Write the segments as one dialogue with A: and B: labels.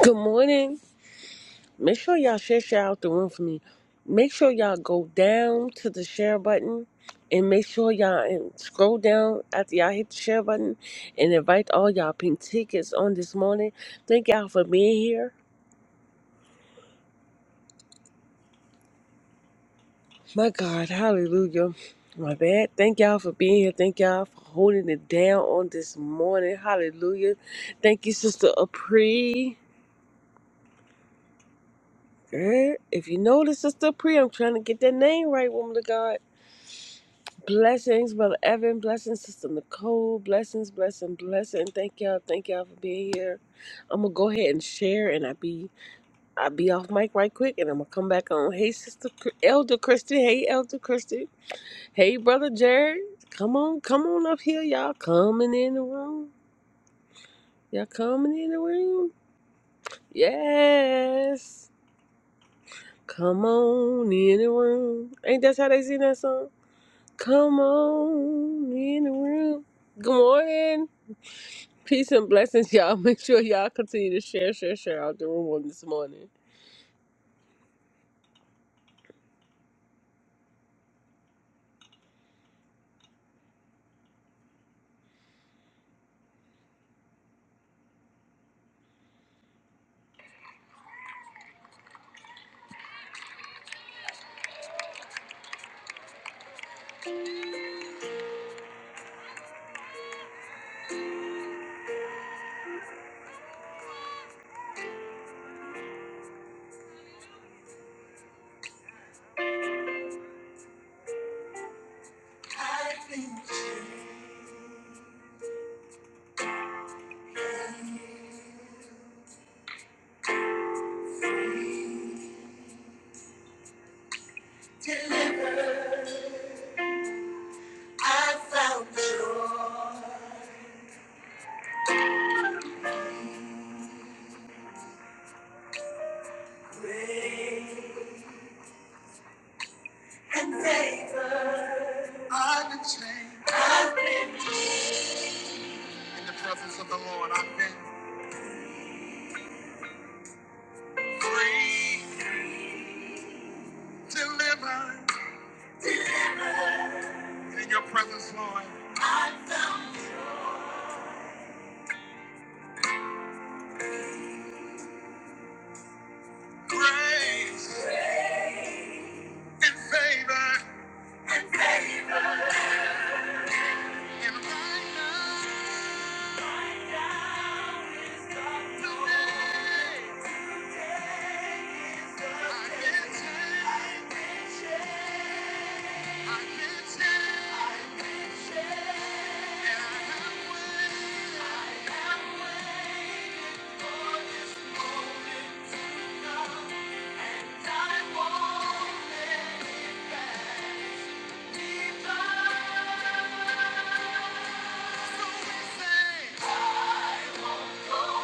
A: Good morning. Make sure y'all share share out the room for me. Make sure y'all go down to the share button and make sure y'all and scroll down after y'all hit the share button and invite all y'all pink tickets on this morning. Thank y'all for being here. My God, hallelujah. My bad. Thank y'all for being here. Thank y'all for holding it down on this morning. Hallelujah. Thank you, Sister Apri. Girl, if you know the Sister Apri, I'm trying to get that name right, woman of God. Blessings, Brother Evan. Blessings, Sister Nicole. Blessings, blessing, blessing. Thank y'all. Thank y'all for being here. I'm gonna go ahead and share, and I be I be off mic right quick, and I'm gonna come back on. Hey, Sister Chr- Elder Christy. Hey, Elder Christy. Hey, Brother Jared. Come on, come on up here, y'all. Coming in the room. Y'all coming in the room. Yes. Come on in the room. Ain't that how they sing that song? Come on in the room. Good morning. Peace and blessings, y'all. Make sure y'all continue to share, share, share out the room on this morning. I've been delivered. I found joy. Grace and favor. I've been changed. I've been- In the presence of the Lord, I've been free, delivered. In your presence, Lord, grace and favor. And right now, today. I won't go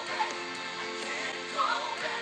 A: back. I can't go back.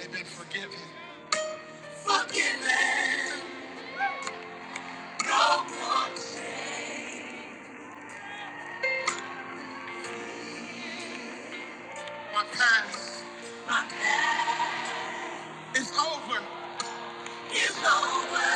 A: They've been forgiven. Forgiven. No more. My past My past. It's over. There's nothing to go back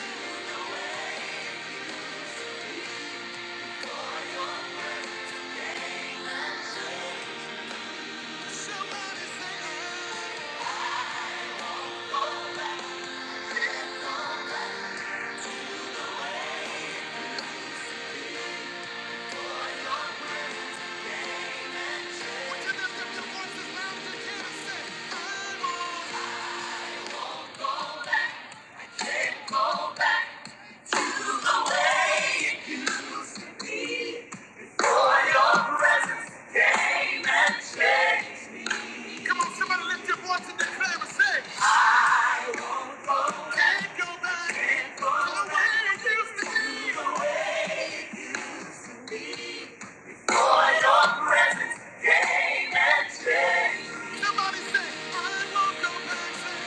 A: to. Come on, somebody lift your voice and declare and say, "I can't go back to the way it used to be." Came Somebody say, "I won't go back." Say,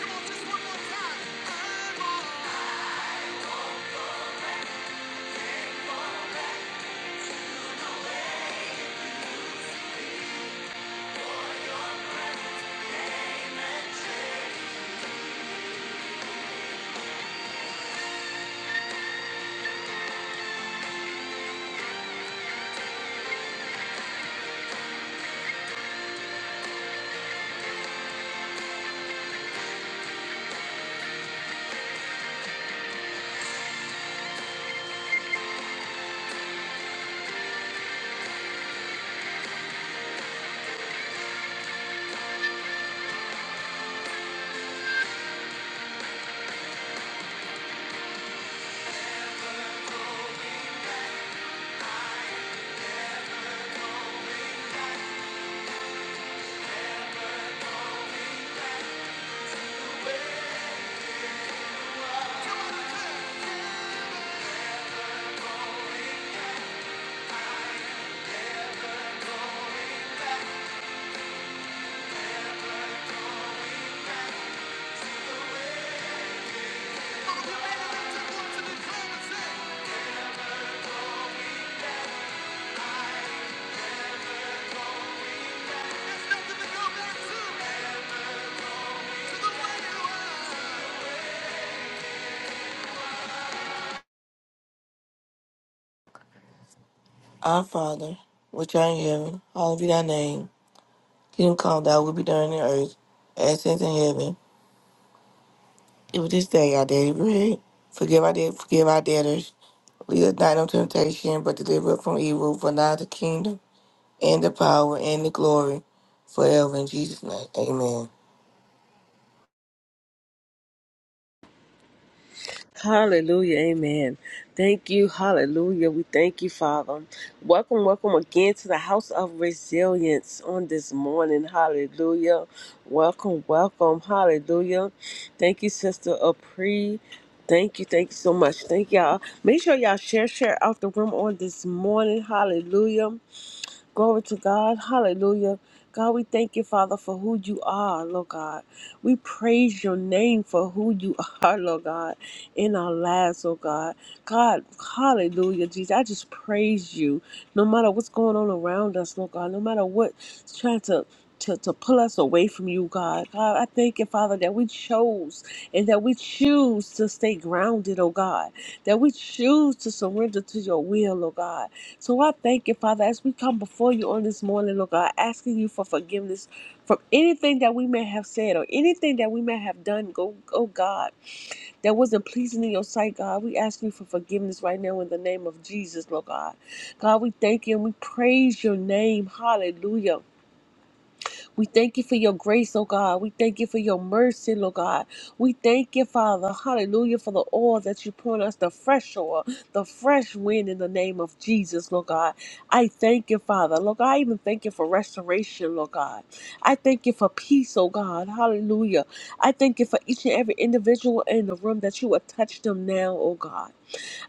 A: Come on, just one more time. "I won't." Come on, declare. Come on, you need to lift your voice and declare and say, "There's nothing to go back to, to the way it was."
B: Our Father, which art in heaven, hallowed be thy name. Kingdom come, thy will be done on earth, as it is in heaven. Give us this day our daily bread. Forgive our debt, forgive our debtors. Lead us not into temptation, but deliver us from evil. For thine is the kingdom, and the power, and the glory, forever. In Jesus' name, amen.
A: Hallelujah. Amen. Thank you. Hallelujah. We thank you, Father. Welcome, welcome again to the House of Resilience on this morning. Hallelujah. Welcome, welcome. Hallelujah. Thank you, Sister Apri. Thank you. Thank you so much. Thank y'all. Make sure y'all share, share out the room on this morning. Hallelujah. Glory to God. Hallelujah. God, we thank you, Father, for who you are, Lord God. We praise your name for who you are, Lord God, in our lives, Lord God. God, hallelujah, Jesus. I just praise you. No matter what's going on around us, Lord God, no matter what's trying to to, to pull us away from you, God. God, I thank you, Father, that we chose and that we choose to stay grounded, oh God. That we choose to surrender to your will, oh God so I thank you, Father, as we come before you on this morning, Lord God, asking you for forgiveness from anything that we may have said or anything that we may have done, go, oh God, that wasn't pleasing in your sight, God. We ask you for forgiveness right now in the name of Jesus, Lord God. God, we thank you and we praise your name. Hallelujah. We thank you for your grace, oh God. We thank you for your mercy, Lord God. We thank you, Father. Hallelujah, for the oil that you pour on us, the fresh oil, the fresh wind in the name of Jesus, Lord God. I thank you, Father. Lord God, I even thank you for restoration, Lord God. I thank you for peace, oh God. Hallelujah. I thank you for each and every individual in the room that you would touch them now, oh God.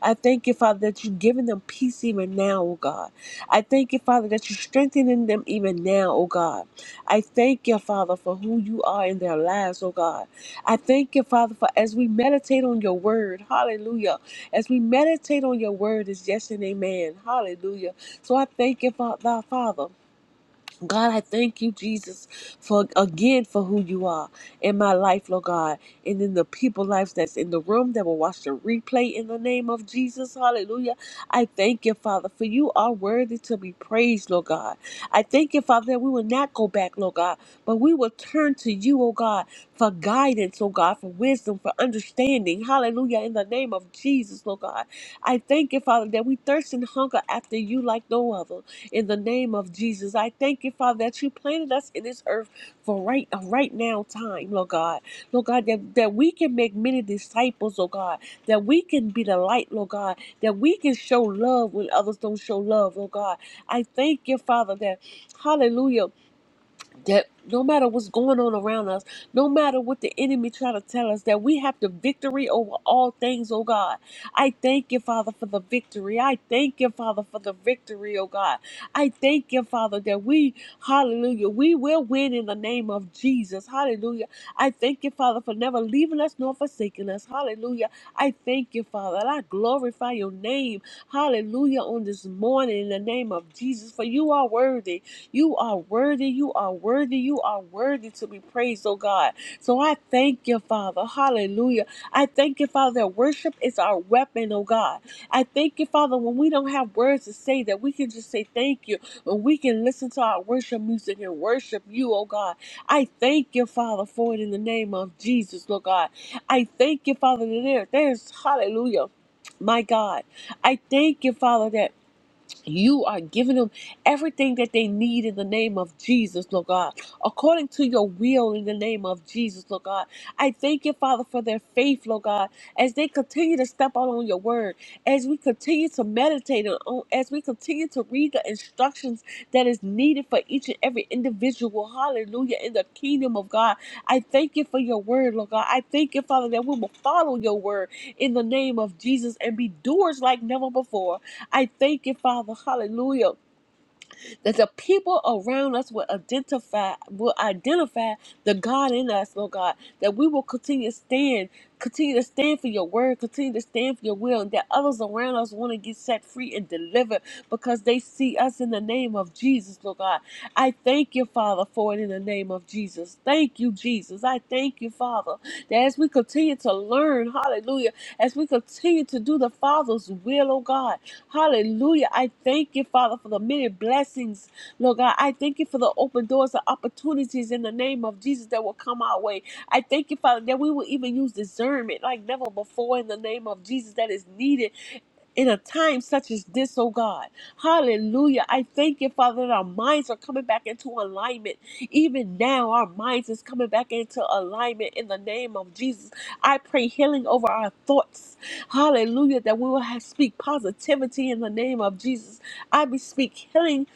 A: I thank you, Father, that you're giving them peace even now, oh God. I thank you, Father, that you're strengthening them even now, oh God. I thank you, Father, for who you are in their lives, oh God. I thank you, Father, for as we meditate on your word, hallelujah. As we meditate on your word is yes and amen, hallelujah. So I thank you, Fa- thy Father. God, I thank you, Jesus, for again for who you are in my life, Lord God, and in the people lives that's in the room that will watch the replay in the name of Jesus. Hallelujah. I thank you, Father, for you are worthy to be praised, Lord God. I thank you, Father, that we will not go back, Lord God, but we will turn to you, oh God, for guidance, oh God, for wisdom, for understanding. Hallelujah. In the name of Jesus, Lord God. I thank you, Father, that we thirst and hunger after you like no other in the name of Jesus. I thank you, Father, that you planted us in this earth for right a right now time, Lord God. Lord God, that, that we can make many disciples, oh God, that we can be the light, Lord God, that we can show love when others don't show love, Lord God. I thank you, Father, that hallelujah that no matter what's going on around us, no matter what the enemy try to tell us, that we have the victory over all things, oh God. I thank you, Father, for the victory. I thank you, Father, for the victory, oh God. I thank you, Father, that we, hallelujah, we will win in the name of Jesus. Hallelujah. I thank you, Father, for never leaving us nor forsaking us. Hallelujah. I thank you, Father, and I glorify your name. Hallelujah on this morning in the name of Jesus, for you are worthy. You are worthy. You are worthy. You are worthy to be praised, oh God. So I thank you, Father. Hallelujah. I thank you, Father, that worship is our weapon, oh God. I thank you, Father, when we don't have words to say, that we can just say thank you. When we can listen to our worship music and worship you, oh God. I thank you, Father, for it in the name of Jesus, Lord God. I thank you, Father, that there, there's, hallelujah, my God. I thank you, Father, that. You are giving them everything that they need in the name of Jesus, Lord God, according to your will in the name of Jesus, Lord God. I thank you, Father, for their faith, Lord God, as they continue to step out on your word, as we continue to meditate on, as we continue to read the instructions that is needed for each and every individual. Hallelujah. In the kingdom of God, I thank you for your word, Lord God. I thank you, Father, that we will follow your word in the name of Jesus and be doers like never before. I thank you, Father, hallelujah, that the people around us will identify, will identify the God in us, Lord God, that we will continue to stand, continue to stand for your word, continue to stand for your will, and that others around us want to get set free and delivered because they see us in the name of Jesus, Lord God. I thank you, Father, for it in the name of Jesus. Thank you, Jesus. I thank you, Father, that as we continue to learn, hallelujah, as we continue to do the Father's will, oh God. Hallelujah. I thank you, Father, for the many blessings. Lord God, I thank you for the open doors the opportunities in the name of Jesus that will come our way. I thank you, Father, that we will even use discernment like never before in the name of Jesus that is needed in a time such as this, oh God. Hallelujah. I thank you, Father, that our minds are coming back into alignment. Even now, our minds is coming back into alignment in the name of Jesus. I pray healing over our thoughts. Hallelujah. That we will have, speak positivity in the name of Jesus. I bespeak healing.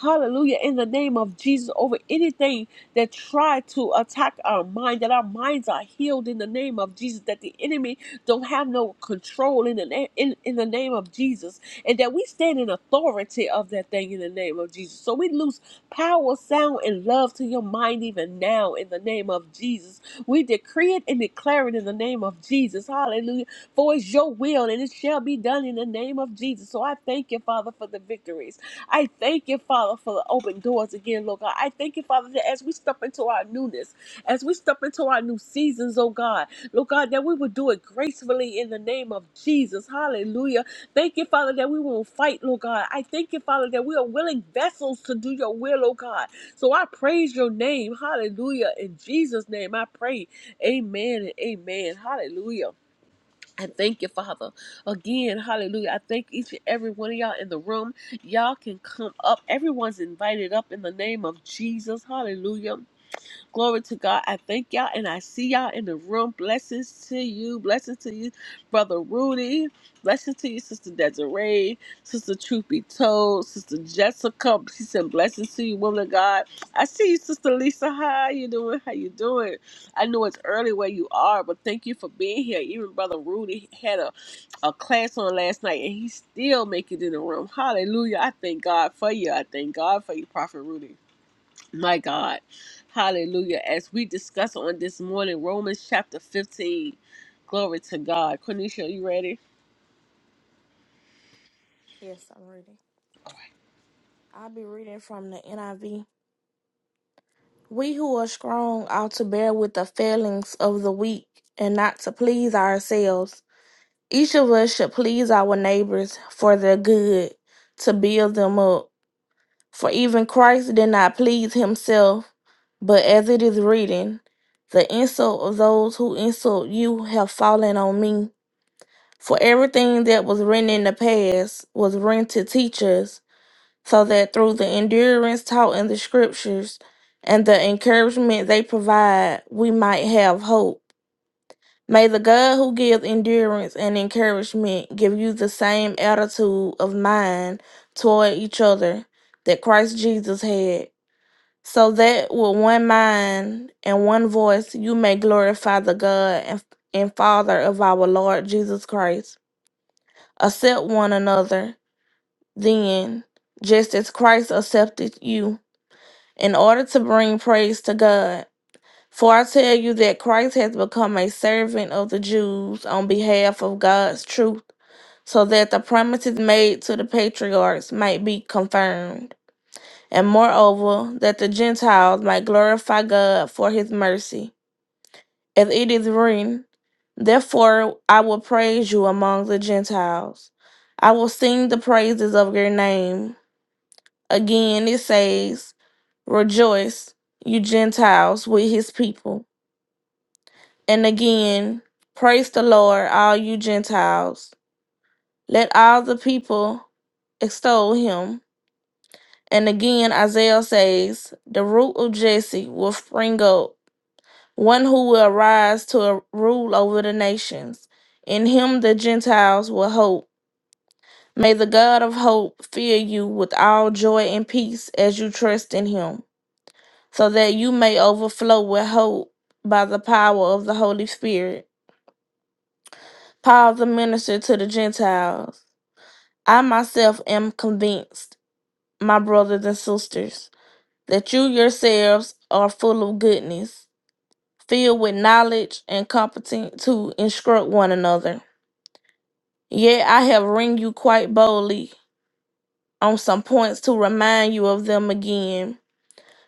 A: Hallelujah. In the name of Jesus over anything that tried to attack our mind, that our minds are healed in the name of Jesus, that the enemy don't have no control in the name in, in the name of Jesus, and that we stand in authority of that thing in the name of Jesus. So we loose power, sound, and love to your mind even now in the name of Jesus. We decree it and declare it in the name of Jesus. Hallelujah. For it's your will and it shall be done in the name of Jesus. So I thank you, Father, for the victories. I thank you, Father, for the open doors again, Lord God. I thank you, Father, that as we step into our newness, as we step into our new seasons, oh God. Lord God, that we will do it gracefully in the name of Jesus. Hallelujah. Thank you, Father, that we won't fight, Lord God. I thank you, Father, that we are willing vessels to do your will, oh God. So I praise your name. Hallelujah. In Jesus' name, I pray. Amen and amen. Hallelujah. I thank you, Father. Again, hallelujah. I thank each and every one of y'all in the room. Y'all can come up. Everyone's invited up in the name of Jesus. Hallelujah. Glory to God. I thank y'all and I see y'all in the room. Blessings to you. Blessings to you, Brother Rudy. Blessings to you, Sister Desiree. Sister Truth Be Told. Sister Jessica. She said, Blessings to you, woman of God. I see you, Sister Lisa. How you doing? How you doing? I know it's early where you are, but thank you for being here. Even Brother Rudy had a, a class on last night and he still make it in the room. Hallelujah. I thank God for you. I thank God for you, Prophet Rudy. My God. Hallelujah. As we discuss on this morning, Romans chapter 15. Glory to God. Cornisha, are you ready?
C: Yes, I'm reading. I'll be reading from the NIV. We who are strong ought to bear with the failings of the weak and not to please ourselves. Each of us should please our neighbors for their good, to build them up. For even Christ did not please himself, but as it is written, the insult of those who insult you have fallen on me. For everything that was written in the past was written to teach us so that through the endurance taught in the scriptures and the encouragement they provide, we might have hope. May the God who gives endurance and encouragement give you the same attitude of mind toward each other that Christ Jesus had, so that with one mind and one voice you may glorify the God and, and Father of our Lord Jesus Christ. Accept one another, then, just as Christ accepted you in order to bring praise to God. For I tell you that Christ has become a servant of the Jews on behalf of God's truth, so that the promises made to the patriarchs might be confirmed, and moreover, that the Gentiles might glorify God for his mercy. As it is written, Therefore I will praise you among the Gentiles. I will sing the praises of your name. Again it says, Rejoice, you Gentiles, with his people. And again, praise the Lord, all you Gentiles. Let all the people extol him. And again, Isaiah says, The root of Jesse will spring up, one who will arise to rule over the nations. In him the Gentiles will hope. May the God of hope fill you with all joy and peace as you trust in him so that you may overflow with hope by the power of the Holy Spirit. Paul the minister to the Gentiles. I myself am convinced, my brothers and sisters, that you yourselves are full of goodness, filled with knowledge and competent to instruct one another. Yet I have ring you quite boldly on some points to remind you of them again,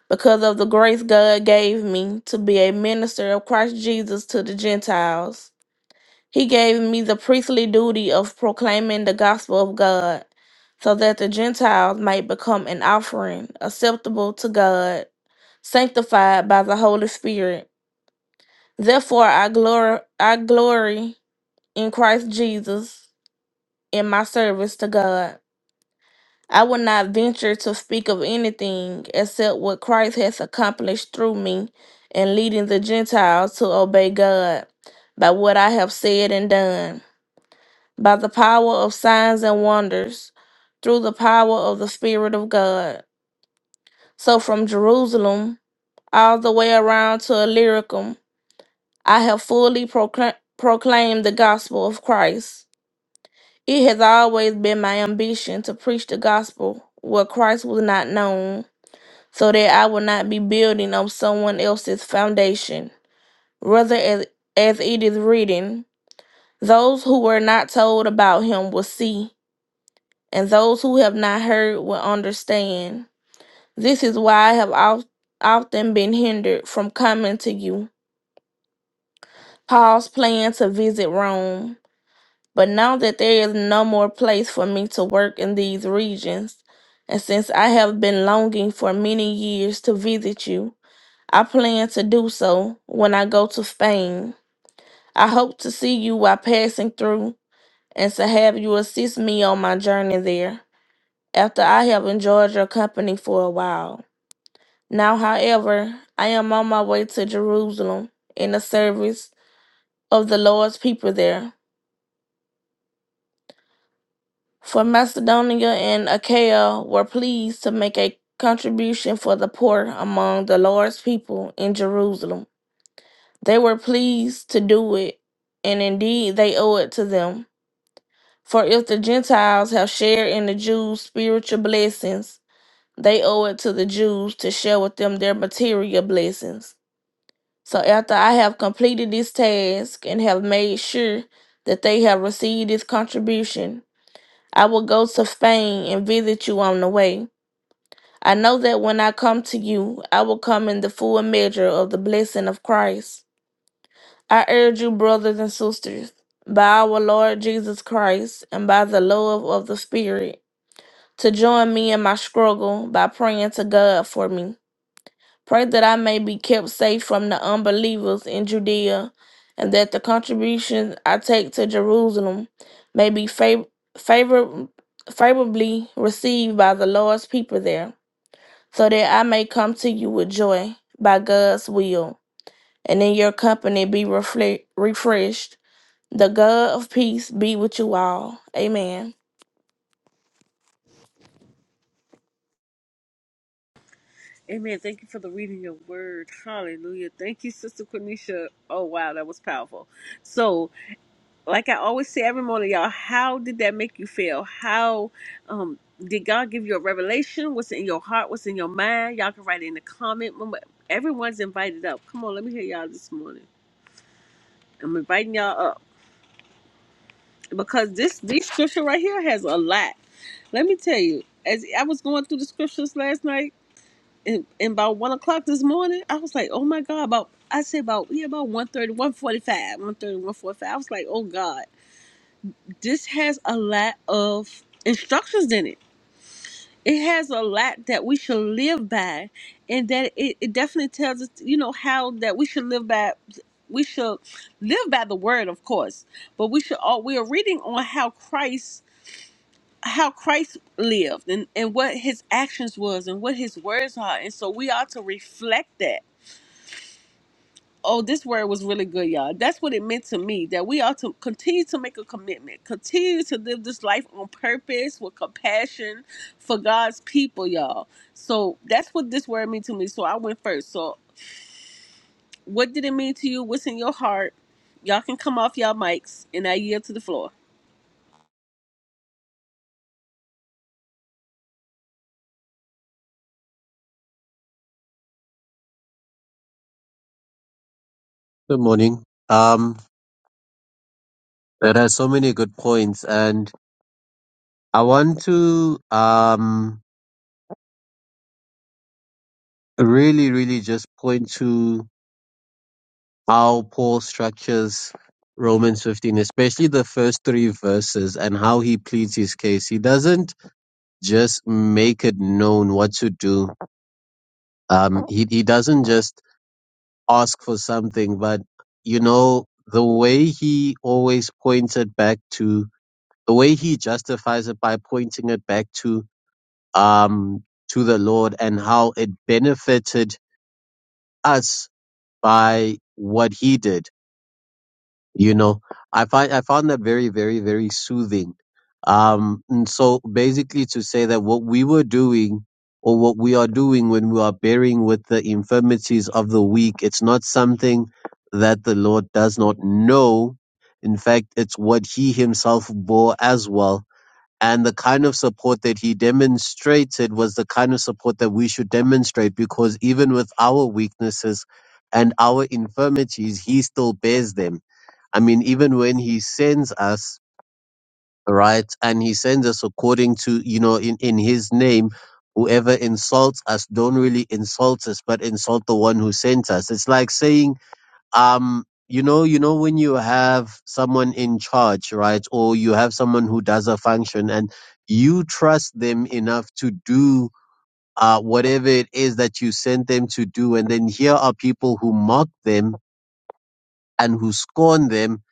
C: because of the grace God gave me to be a minister of Christ Jesus to the Gentiles He gave me the priestly duty of proclaiming the gospel of God, so that the Gentiles might become an offering acceptable to God, sanctified by the Holy Spirit. Therefore, I glory, I glory in Christ Jesus in my service to God. I will not venture to speak of anything except what Christ has accomplished through me in leading the Gentiles to obey God by what I have said and done. by the power of signs and wonders, through the power of the Spirit of God. So from Jerusalem all the way around to Illyricum, I have fully procla- proclaimed the gospel of Christ. It has always been my ambition to preach the gospel where Christ was not known, so that I will not be building on someone else's foundation. Rather, as, as it is written, those who were not told about him will see and those who have not heard will understand. This is why I have of- often been hindered from coming to you. Paul's plan to visit Rome. But now that there is no more place for me to work in these regions, and since I have been longing for many years to visit you, I plan to do so when I go to Spain. I hope to see you while passing through and to have you assist me on my journey there after I have enjoyed your company for a while. Now, however, I am on my way to Jerusalem in the service of the Lord's people there. For Macedonia and Achaia were pleased to make a contribution for the poor among the Lord's people in Jerusalem. They were pleased to do it, and indeed they owe it to them. For if the Gentiles have shared in the Jews' spiritual blessings, they owe it to the Jews to share with them their material blessings. So after I have completed this task and have made sure that they have received this contribution, I will go to Spain and visit you on the way. I know that when I come to you, I will come in the full measure of the blessing of Christ. I urge you, brothers and sisters, by our Lord Jesus Christ and by the love of the Spirit, to join me in my struggle by praying to God for me. Pray that I may be kept safe from the unbelievers in Judea, and that the contributions I take to Jerusalem may be fav- favor- favorably received by the Lord's people there, so that I may come to you with joy by God's will, and in your company be refle- refreshed. The God of peace be with you all. Amen.
A: Amen. Thank you for the reading your word. Hallelujah. Thank you, Sister Cornisha. Oh, wow. That was powerful. So, like I always say every morning, y'all, how did that make you feel? How um, did God give you a revelation? What's in your heart? What's in your mind? Y'all can write it in the comment. Remember, Everyone's invited up. Come on, let me hear y'all this morning. I'm inviting y'all up. because this this scripture right here has a lot. Let me tell you, as I was going through the scriptures last night, and, and about one o'clock this morning, I was like, oh my god, about I say about yeah about one thirty, one forty-five, one thirty, one forty-five. I was like, oh god, this has a lot of instructions in it. It has a lot that we should live by, and that it, it definitely tells us, you know, how that we should live by. We should live by the word, of course, but we should all we are reading on how Christ how Christ lived and, and what his actions was and what his words are. And so we ought to reflect that. Oh, this word was really good, y'all. That's what it meant to me that we ought to continue to make a commitment, continue to live this life on purpose with compassion for God's people, y'all. So that's what this word meant to me. So I went first. So, what did it mean to you? What's in your heart? Y'all can come off y'all mics, and I yield to the floor.
D: Good morning. Um, there are so many good points, and I want to um, really, really just point to how Paul structures Romans 15, especially the first three verses, and how he pleads his case. He doesn't just make it known what to do, um, he, he doesn't just ask for something, but you know, the way he always points it back to the way he justifies it by pointing it back to um, to the Lord and how it benefited us by what He did. You know, I find I found that very, very, very soothing. Um, and so basically, to say that what we were doing or what we are doing when we are bearing with the infirmities of the weak, it's not something that the Lord does not know. In fact, it's what He Himself bore as well and the kind of support that he demonstrated was the kind of support that we should demonstrate because even with our weaknesses and our infirmities, he still bears them. I mean, even when he sends us, right, and he sends us according to, you know, in, in his name, whoever insults us, don't really insult us, but insult the one who sent us. It's like saying, um you know you know when you have someone in charge right or you have someone who does a function and you trust them enough to do uh whatever it is that you sent them to do and then here are people who mock them and who scorn them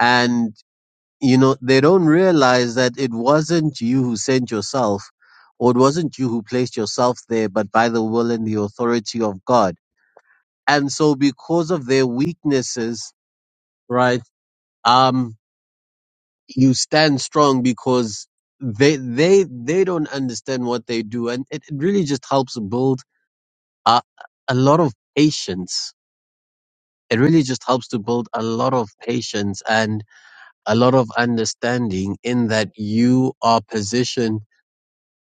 D: and you know they don't realize that it wasn't you who sent yourself or it wasn't you who placed yourself there but by the will and the authority of God and so because of their weaknesses right um. you stand strong because they they they don't understand what they do and it it really just helps build a, a lot of patience it really just helps to build a lot of patience and a lot of understanding in that you are positioned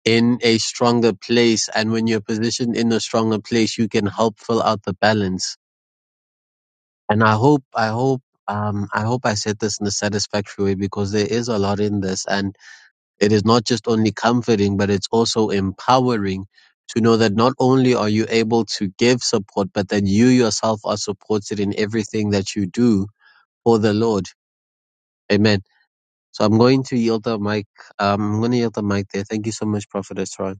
D: in a stronger place and when you're positioned in a stronger place you can help fill out the balance and i hope i hope um, I hope I said this in a satisfactory way because there is a lot in this, and It is not just only comforting, but it's also empowering to know that not only are you able to give support, but that you yourself are supported in everything that you do for the Lord. Amen. So I'm going to yield the mic. Um, I'm going to yield the mic there. Thank you so much, Prophet Esra.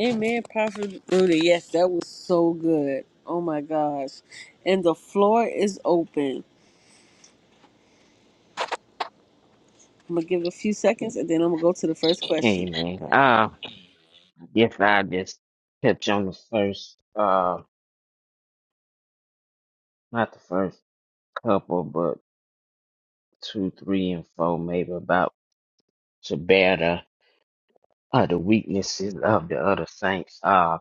A: Amen, Prophet Rudy. Yes, that was so good. Oh my gosh. And the floor is open. I'm going to give it a few seconds and then I'm going to go to the first
E: Hey
A: question.
E: man, Uh, yes, I just touch on the first, uh, not the first couple, but two, three, and four, maybe about to bear the, uh, the weaknesses of the other saints. Uh,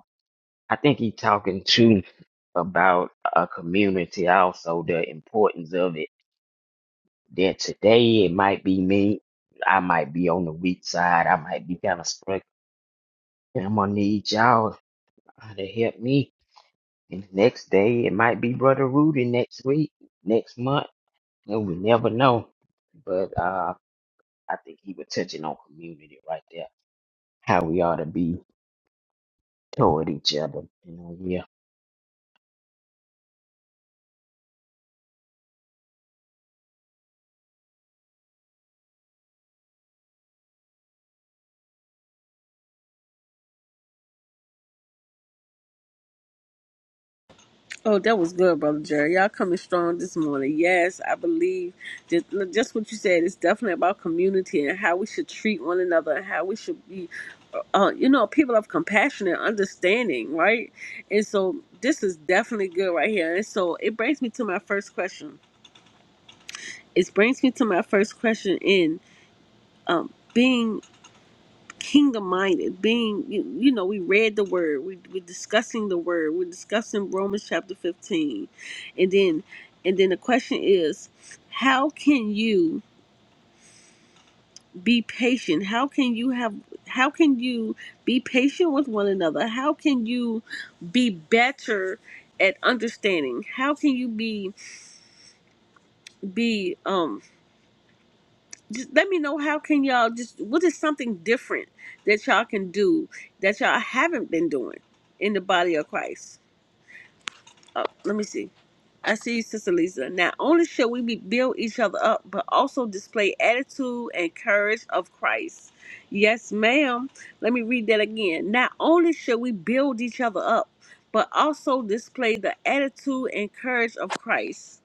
E: I think he talking too about a community also, the importance of it. That today it might be me. I might be on the weak side. I might be kind of struck. and I'm gonna need y'all to help me And the next day, it might be Brother Rudy next week, next month. And we never know. But uh, I think he was touching on community right there, how we ought to be toward each other. You know, yeah.
A: Oh, that was good, Brother Jerry. Y'all coming strong this morning. Yes, I believe just, just what you said. It's definitely about community and how we should treat one another and how we should be, uh, uh, you know, people of compassion and understanding, right? And so this is definitely good right here. And so it brings me to my first question. It brings me to my first question in. um, being kingdom minded, being, you, you know, we read the word, we, we're discussing the word, we're discussing Romans chapter 15. And then, and then the question is, how can you be patient? How can you have, how can you be patient with one another? How can you be better at understanding? How can you be, be, um, just let me know how can y'all just what is something different that y'all can do that y'all haven't been doing in the body of Christ. Oh, let me see. I see you, Sister Lisa. Not only shall we be build each other up, but also display attitude and courage of Christ. Yes, ma'am. Let me read that again. Not only shall we build each other up, but also display the attitude and courage of Christ.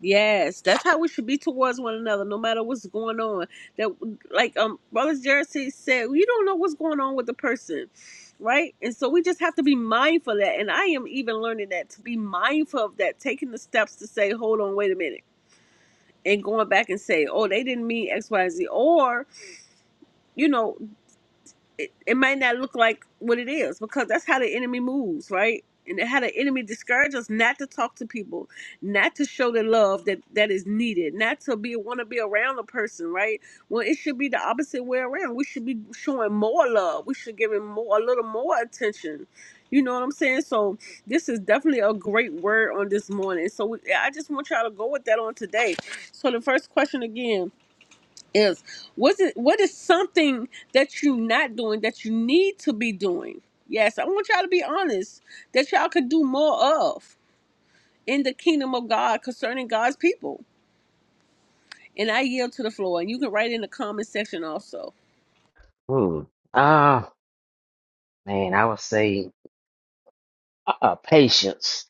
A: Yes, that's how we should be towards one another, no matter what's going on. That, like, um, brothers Jared said, said, you don't know what's going on with the person, right? And so we just have to be mindful of that. And I am even learning that to be mindful of that, taking the steps to say, hold on, wait a minute, and going back and say, oh, they didn't mean X, Y, Z, or you know, it, it might not look like what it is because that's how the enemy moves, right? And how the enemy discourages us not to talk to people, not to show the love that that is needed, not to be want to be around a person, right? Well, it should be the opposite way around. We should be showing more love. We should give him more, a little more attention. You know what I'm saying? So this is definitely a great word on this morning. So we, I just want y'all to go with that on today. So the first question again is what is what is something that you're not doing that you need to be doing yes i want y'all to be honest that y'all could do more of in the kingdom of god concerning god's people and i yield to the floor and you can write in the comment section also
E: Hmm. Uh, man, I would say uh, uh, patience,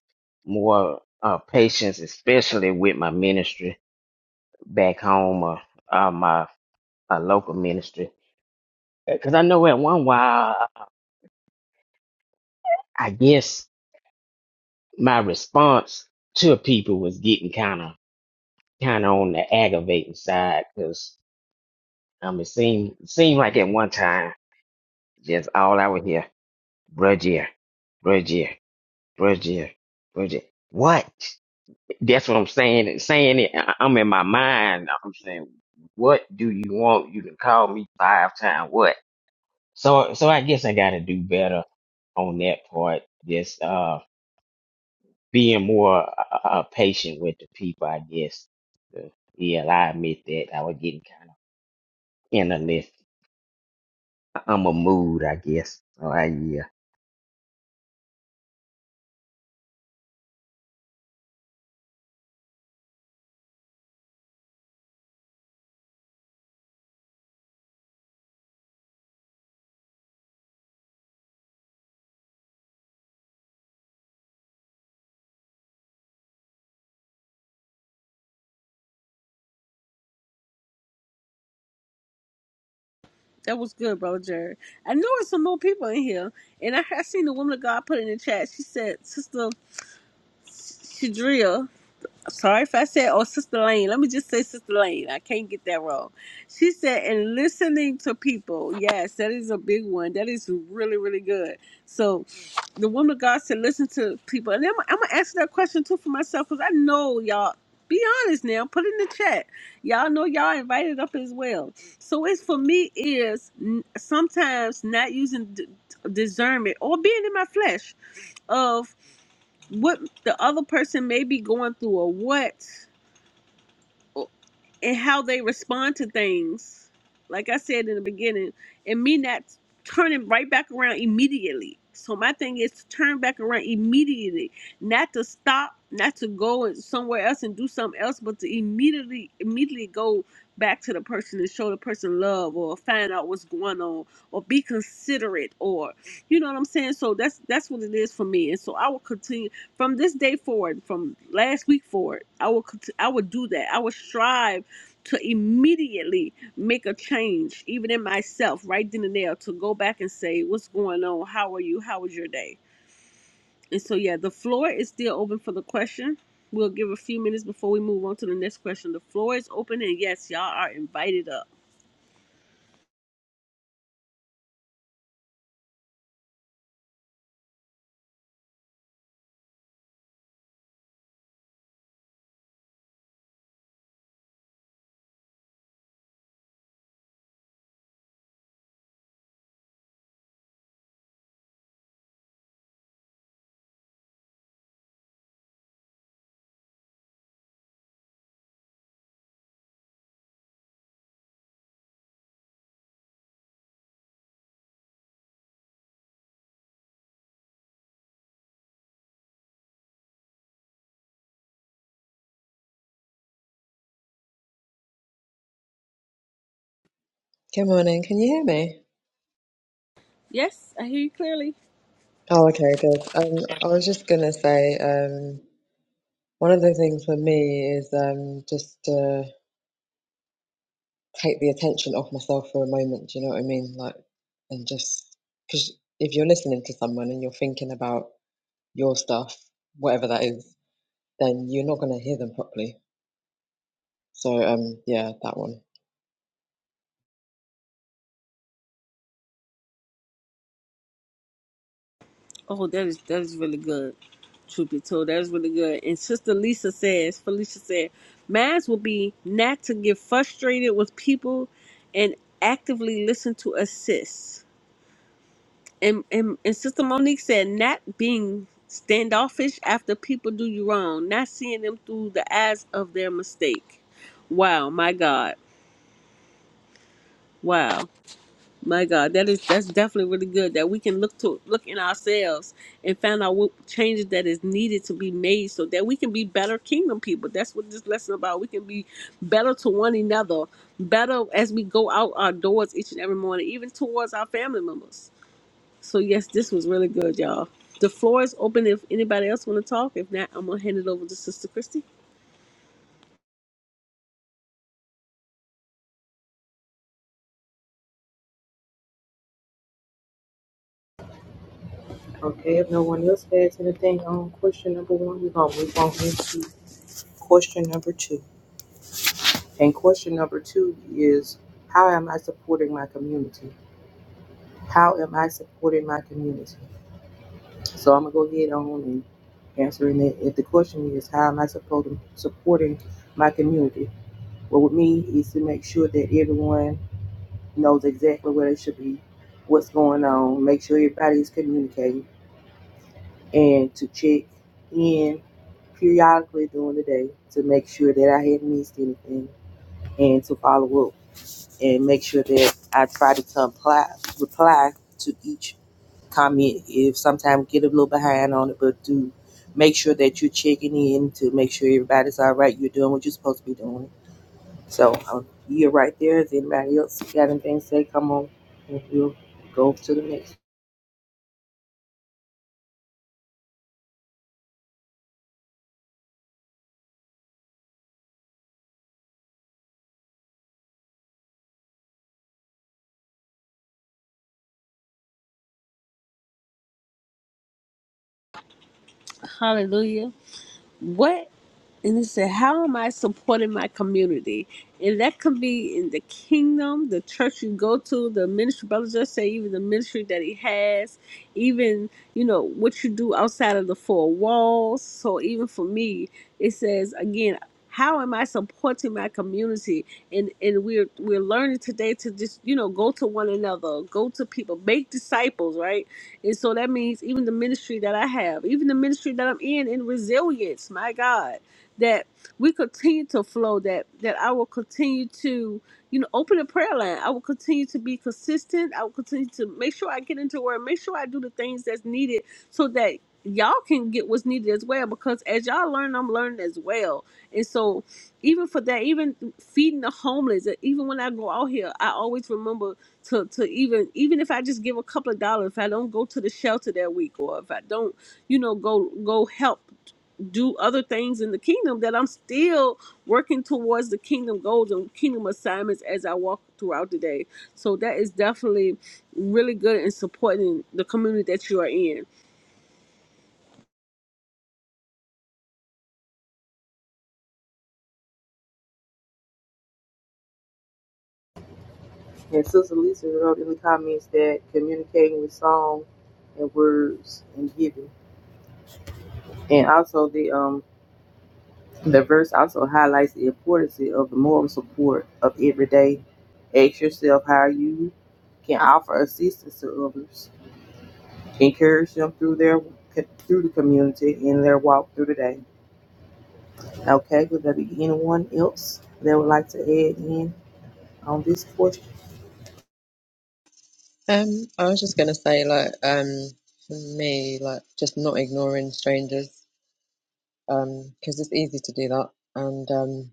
E: more uh, patience, especially with my ministry back home or uh, my uh, local ministry. Because I know at one while, I guess my response to people was getting kind of kind of on the aggravating side because um, it seemed seemed like at one time just all I would hear Bridget, Bridget, Bridget, Bridget. What? That's what I'm saying. Saying it, I- I'm in my mind. I'm saying, what do you want? You can call me five times. What? So, so I guess I got to do better on that part. Just uh, being more uh, uh, patient with the people. I guess. Uh, Yeah, I admit that I was getting kind of in I'm a mood, I guess. So I yeah.
A: that was good brother jared i know there's some more people in here and i, I seen the woman of god put in the chat she said sister shadria sorry if I said, oh, Sister Lane. Let me just say Sister Lane. I can't get that wrong. She said, and listening to people. Yes, that is a big one. That is really, really good. So the woman of God said, listen to people. And I'm, I'm going to answer that question too for myself because I know y'all. Be honest now. Put in the chat. Y'all know y'all invited up as well. So it's for me is n- sometimes not using d- discernment or being in my flesh of what the other person may be going through or what and how they respond to things. Like I said in the beginning, and me not turning right back around immediately. So my thing is to turn back around immediately, not to stop, not to go and- somewhere else and do something else, but to immediately immediately go back to the person and show the person love or find out what's going on or be considerate or you know what I'm saying? So that's that's what it is for me. And so I will continue from this day forward, from last week forward, I will cont- I will do that. I will strive to immediately make a change, even in myself, right then and there, to go back and say, "What's going on? How are you? How was your day?" And so, yeah, the floor is still open for the question. We'll give a few minutes before we move on to the next question. The floor is open, and yes, y'all are invited up.
F: Good morning. Can you hear me?
A: Yes, I hear you clearly.
F: Oh, okay, good. Um, I was just gonna say, um, one of the things for me is um just to take the attention off myself for a moment. Do you know what I mean? Like, and just because if you're listening to someone and you're thinking about your stuff, whatever that is, then you're not gonna hear them properly. So, um, yeah, that one.
A: Oh, that is that is really good. Truth be told, that is really good. And Sister Lisa says, Felicia said, "Mass will be not to get frustrated with people, and actively listen to assist." And and, and Sister Monique said, "Not being standoffish after people do you wrong, not seeing them through the eyes of their mistake." Wow, my God, wow. My God, that is that's definitely really good that we can look to look in ourselves and find out what changes that is needed to be made so that we can be better kingdom people. That's what this lesson about. We can be better to one another, better as we go out our doors each and every morning, even towards our family members. So yes, this was really good, y'all. The floor is open if anybody else want to talk. If not, I'm gonna hand it over to Sister Christy.
G: Okay, if no one else has anything on question number one, we're gonna move on into question number two. And question number two is, how am I supporting my community? How am I supporting my community? So I'm gonna go ahead on and answering it. If the question is, how am I supporting supporting my community? Well, with me is to make sure that everyone knows exactly where they should be, what's going on, make sure everybody's communicating and to check in periodically during the day to make sure that I hadn't missed anything and to follow up and make sure that I try to comply, reply to each comment. If sometimes get a little behind on it, but do make sure that you're checking in to make sure everybody's all right. You're doing what you're supposed to be doing. So um, you're right there. Is anybody else got anything to say, come on and we'll go to the next.
A: Hallelujah. what and it said, How am I supporting my community? And that could be in the kingdom, the church you go to, the ministry, brother just say, even the ministry that he has, even, you know, what you do outside of the four walls. So even for me, it says, again, how am I supporting my community? And and we're we're learning today to just, you know, go to one another, go to people, make disciples, right? And so that means even the ministry that I have, even the ministry that I'm in in resilience, my God, that we continue to flow, that that I will continue to, you know, open a prayer line. I will continue to be consistent. I will continue to make sure I get into word, make sure I do the things that's needed so that y'all can get what's needed as well. Because as y'all learn, I'm learning as well. And so even for that, even feeding the homeless, even when I go out here, I always remember to, to even even if I just give a couple of dollars, if I don't go to the shelter that week or if I don't, you know, go go help do other things in the kingdom that I'm still working towards the kingdom goals and kingdom assignments as I walk throughout the day. So that is definitely really good in supporting the community that you are in.
G: And Sister Lisa wrote in the comments that communicating with song and words and giving. And also the um the verse also highlights the importance of the moral support of every day. Ask yourself how you can offer assistance to others. Encourage them through their through the community in their walk through the day. Okay, would there be anyone else that would like to add in on this portion?
F: Um, I was just gonna say, like, um, for me, like, just not ignoring strangers, um, because it's easy to do that, and um.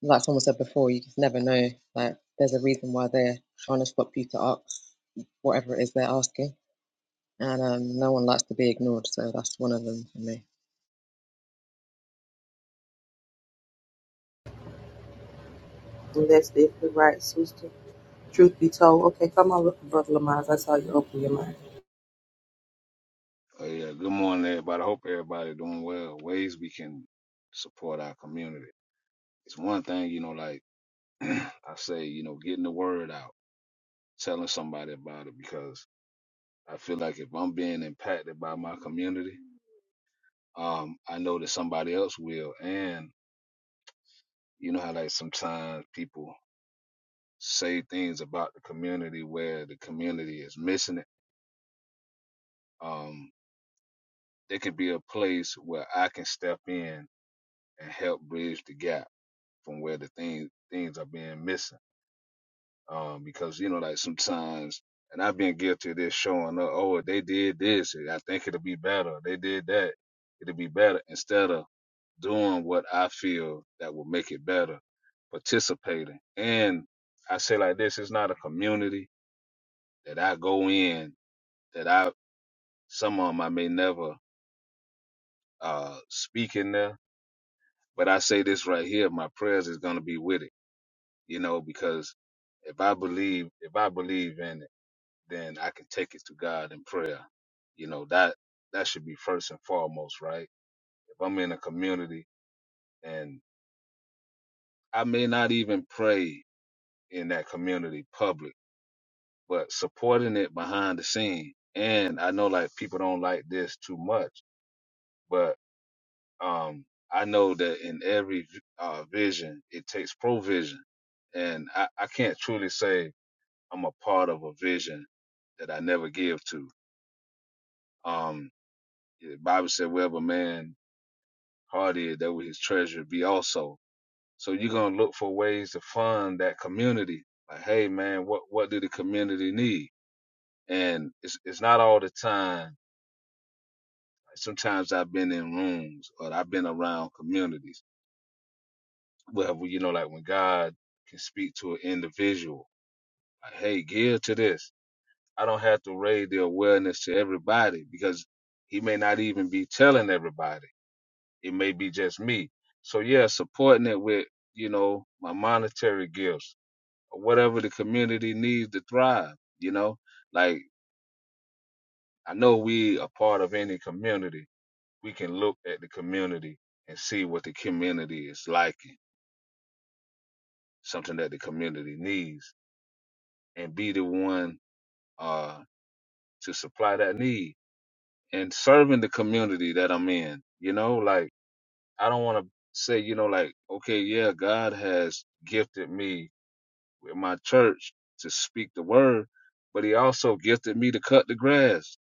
F: Like someone said before, you just never know. Like there's a reason why they're trying to stop you to ask whatever it is they're asking, and um, no one likes to be ignored. So that's one of them for me.
G: And that's definitely right, sister. Truth be told, okay, come on, Brother Lamont. I saw you open your mic.
H: Oh yeah, good morning, everybody. I hope everybody doing well. Ways we can support our community. It's one thing, you know, like I say, you know, getting the word out, telling somebody about it, because I feel like if I'm being impacted by my community, um, I know that somebody else will. And you know how like sometimes people say things about the community where the community is missing it. Um, it could be a place where I can step in and help bridge the gap from where the things things are being missing. Um, because you know, like sometimes, and I've been guilty of this showing up. Oh, if they did this, I think it'll be better. They did that, it'll be better. Instead of doing what I feel that will make it better, participating. And I say like this: it's not a community that I go in that I some of them I may never uh, speak in there. But I say this right here: my prayers is gonna be with it you know, because if I believe, if I believe in it, then I can take it to God in prayer. You know, that, that should be first and foremost, right? If I'm in a community and I may not even pray in that community public, but supporting it behind the scene. And I know like people don't like this too much, but, um, I know that in every uh, vision, it takes provision. And I, I can't truly say I'm a part of a vision that I never give to. Um, the Bible said, wherever man heart is, that will his treasure be also. So you're gonna look for ways to fund that community. Like, hey man, what what do the community need? And it's it's not all the time. Like, Sometimes I've been in rooms or I've been around communities where you know, like when God can speak to an individual, like, hey, give to this. I don't have to raise the awareness to everybody because he may not even be telling everybody. It may be just me. So yeah, supporting it with, you know, my monetary gifts or whatever the community needs to thrive, you know? Like I know we are part of any community. We can look at the community and see what the community is liking, something that the community needs, and be the one uh to supply that need and serving the community that I'm in. You know, like I don't want to say, you know, like okay, yeah, God has gifted me with my church to speak the word, but He also gifted me to cut the grass.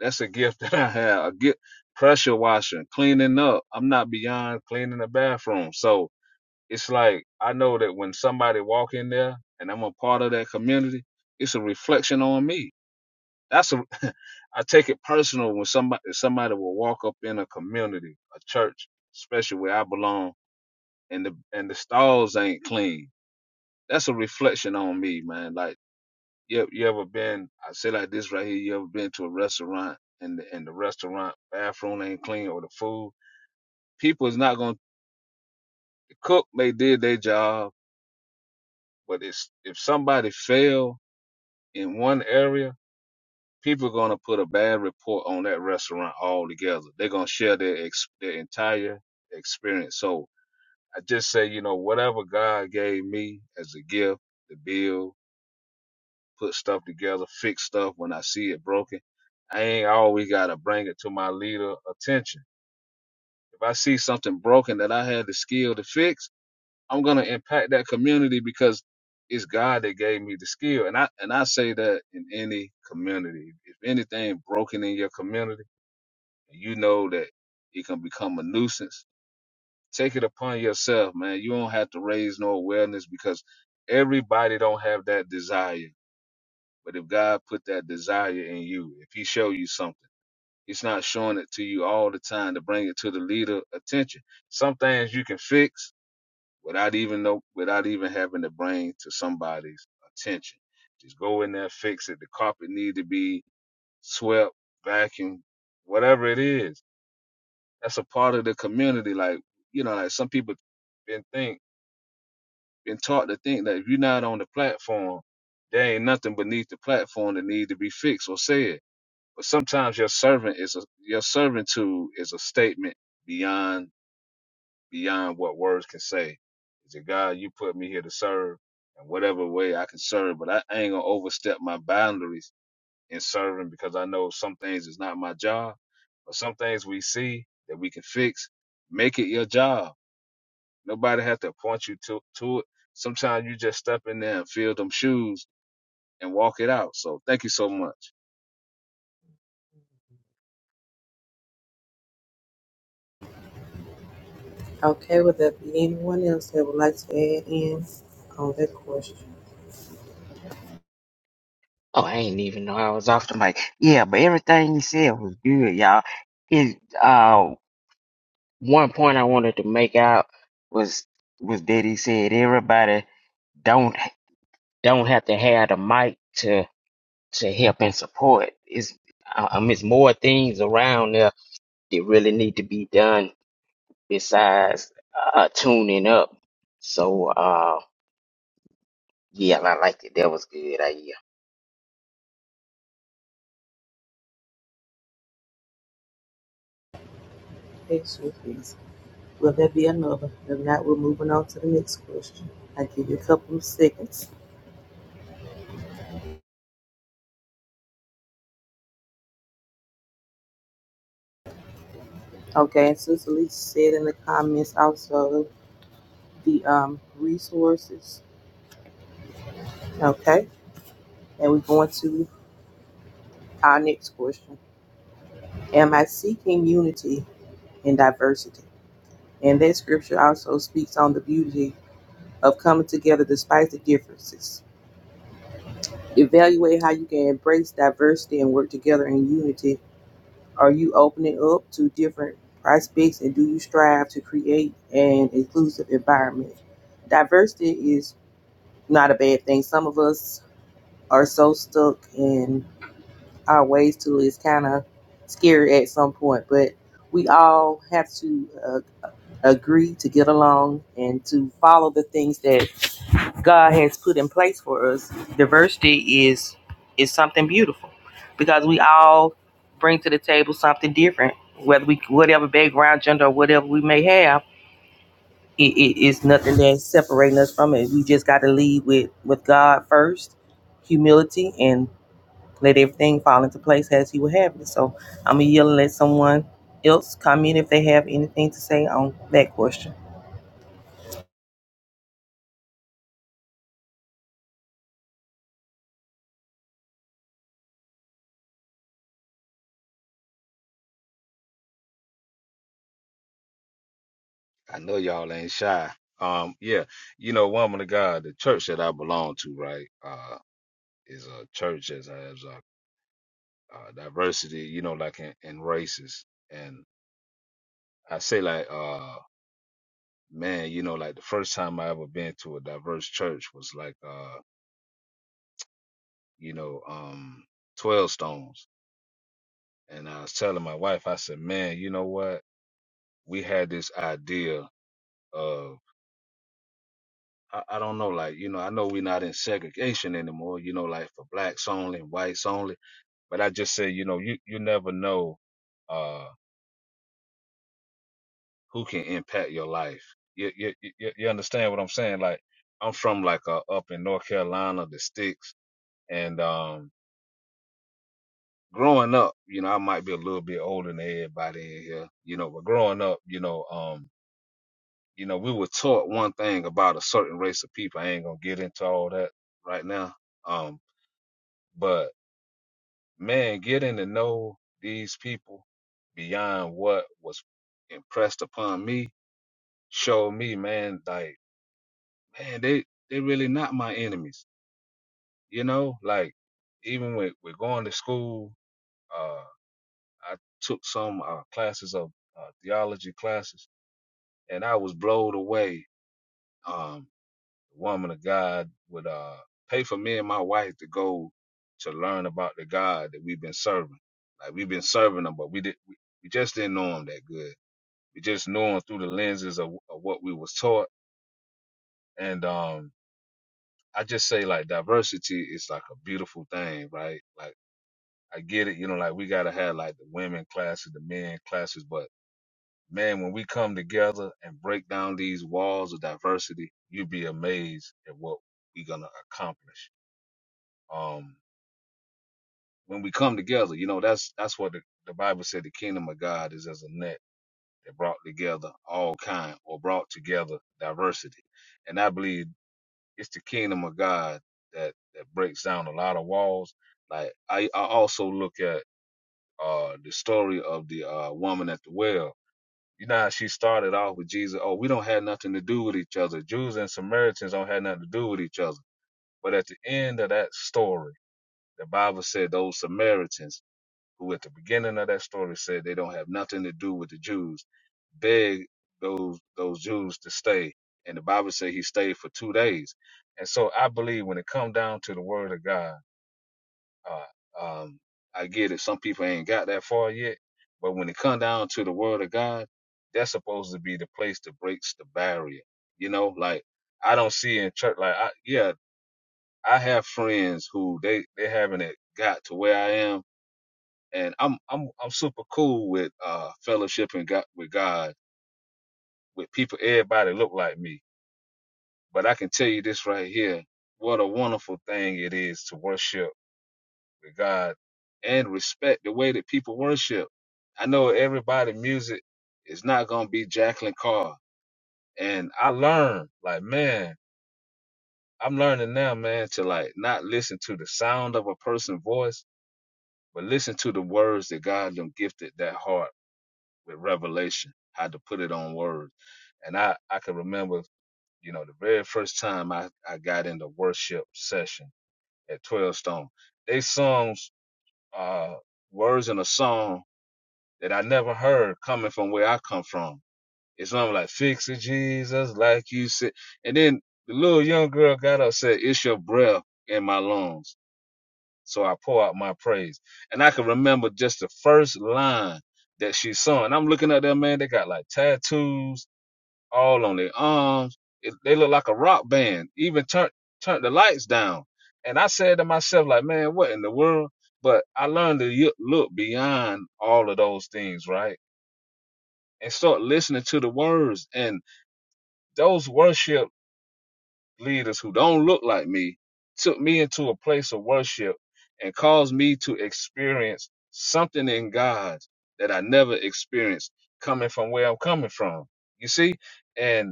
H: That's a gift that I have. A gift, pressure washing, cleaning up. I'm not beyond cleaning the bathroom, so it's like I know that when somebody walk in there and I'm a part of that community, it's a reflection on me that's a, I take it personal when somebody somebody will walk up in a community, a church, especially where I belong, and the and the stalls ain't clean. That's a reflection on me, man. Like you you ever been? I say like this right here. You ever been to a restaurant and the, and the restaurant bathroom ain't clean or the food? People is not gonna cook. They did their job, but it's if somebody fail in one area, people are going to put a bad report on that restaurant altogether. They're going to share their, ex- their entire experience. So I just say, you know, whatever God gave me as a gift to build, put stuff together, fix stuff when I see it broken, I ain't always got to bring it to my leader attention. If I see something broken that I had the skill to fix, I'm going to impact that community because it's God that gave me the skill. And I, and I say that in any community. If anything broken in your community, and you know that it can become a nuisance. Take it upon yourself, man. You don't have to raise no awareness because everybody don't have that desire. But if God put that desire in you, if He show you something, He's not showing it to you all the time to bring it to the leader attention. Some things you can fix without even know, without even having to bring to somebody's attention. Just go in there, fix it. The carpet need to be swept, vacuumed, whatever it is That's a part of the community. Like, you know, like some people been think been taught to think that if you're not on the platform, there ain't nothing beneath the platform that need to be fixed or said. But sometimes your servant is a your servant to is a statement beyond beyond what words can say. It's a God you put me here to serve in whatever way I can serve, but I ain't gonna overstep my boundaries in serving because I know some things is not my job. But some things we see that we can fix, make it your job Nobody has to point you to to it. Sometimes you just step in there and feel them shoes and walk it out. So thank you so much.
G: Okay, would there be anyone else that would like to add in on that question?
E: Oh, I ain't even know I was off the mic. Yeah, but everything you said was good, y'all. It uh one point I wanted to make out was was that he said everybody don't don't have to have the mic to to help and support. It's uh, um it's more things around there that really need to be done besides uh tuning up. So uh yeah, I liked it. That was good. I yeah.
G: Yes, sir, please. Will there be another? If not, we're moving on to the next question. I give you a couple of seconds. Okay, and Sister Lisa said in the comments also the um, resources. Okay, and we're going to our next question. Am I seeking unity in diversity? And that scripture also speaks on the beauty of coming together despite the differences. Evaluate how you can embrace diversity and work together in unity. Are you opening up to different prospects and do you strive to create an inclusive environment? Diversity is not a bad thing. Some of us are so stuck in our ways to it's kind of scary at some point, but we all have to uh, agree to get along and to follow the things that God has put in place for us, diversity is is something beautiful because we all bring to the table something different, whether we whatever background, gender, or whatever we may have. It, it is nothing that's separating us from it. We just got to lead with with God first, humility, and let everything fall into place as He would have it. So I'm gonna yell and let someone else comment if they have anything to say on that question.
H: I know y'all ain't shy. Um, yeah, you know, woman of God, the church that I belong to, right, uh, is a church that has uh, uh, diversity, you know, like in, in races. And I say, like, uh, man, you know, like the first time I ever been to a diverse church was like, uh, you know, um, Twelve Stones. And I was telling my wife, I said, man, you know what? we had this idea of I, I don't know, like, you know, I know we're not in segregation anymore, you know, like for blacks only and whites only. But I just say, you know, you, you never know uh who can impact your life. You you you, you understand what I'm saying? Like I'm from like uh, up in North Carolina, the sticks, and um growing up, you know, I might be a little bit older than everybody in here, you know, but growing up, you know, um you know, we were taught one thing about a certain race of people. I ain't gonna get into all that right now. Um, but man, getting to know these people beyond what was impressed upon me showed me, man, like, man, they they really not my enemies. You know, like even with, with going to school, uh, I took some uh, classes of uh, theology classes, and I was blown away. Um, the woman of God would uh pay for me and my wife to go to learn about the God that we've been serving. Like we've been serving him, but we did we, we just didn't know him that good. We just knew him through the lenses of, of what we was taught. And um I just say like diversity is like a beautiful thing, right? Like I get it, you know, like we gotta have like the women classes, the men classes, but man, when we come together and break down these walls of diversity, you'd be amazed at what we're gonna accomplish. Um when we come together, you know, that's that's what the, the Bible said the kingdom of God is as a net that brought together all kind or brought together diversity. And I believe it's the kingdom of God that that breaks down a lot of walls. Like I, I also look at uh the story of the uh woman at the well. You know how she started off with Jesus, oh, we don't have nothing to do with each other. Jews and Samaritans don't have nothing to do with each other. But at the end of that story, the Bible said those Samaritans who at the beginning of that story said they don't have nothing to do with the Jews, beg those those Jews to stay. And the Bible said he stayed for two days. And so I believe when it come down to the word of God, uh, um, I get it. Some people ain't got that far yet, but when it come down to the word of God, that's supposed to be the place that breaks the barrier. You know, like I don't see in church, like I, yeah, I have friends who they they haven't got to where I am, and I'm I'm I'm super cool with uh fellowship and God with God with people everybody look like me. But I can tell you this right here, what a wonderful thing it is to worship with God and respect the way that people worship. I know everybody music is not gonna be Jacqueline Carr. And I learned, like, man, I'm learning now, man, to like not listen to the sound of a person's voice, but listen to the words that God them gifted that heart with revelation, how to put it on words. And I, I can remember, you know, the very first time I, I got into worship session at 12 Stone, they songs, uh, words in a song that I never heard coming from where I come from. It's something like, fix it, Jesus, like you said. And then the little young girl got up, and said, it's your breath in my lungs. So I pour out my praise. And I can remember just the first line that she sung. And I'm looking at them, man, they got like tattoos all on their arms. It, they look like a rock band. Even turn turn the lights down. And I said to myself, like, man, what in the world? But I learned to y- look beyond all of those things, right? And start listening to the words. And those worship leaders who don't look like me took me into a place of worship and caused me to experience something in God that I never experienced coming from where I'm coming from. You see? And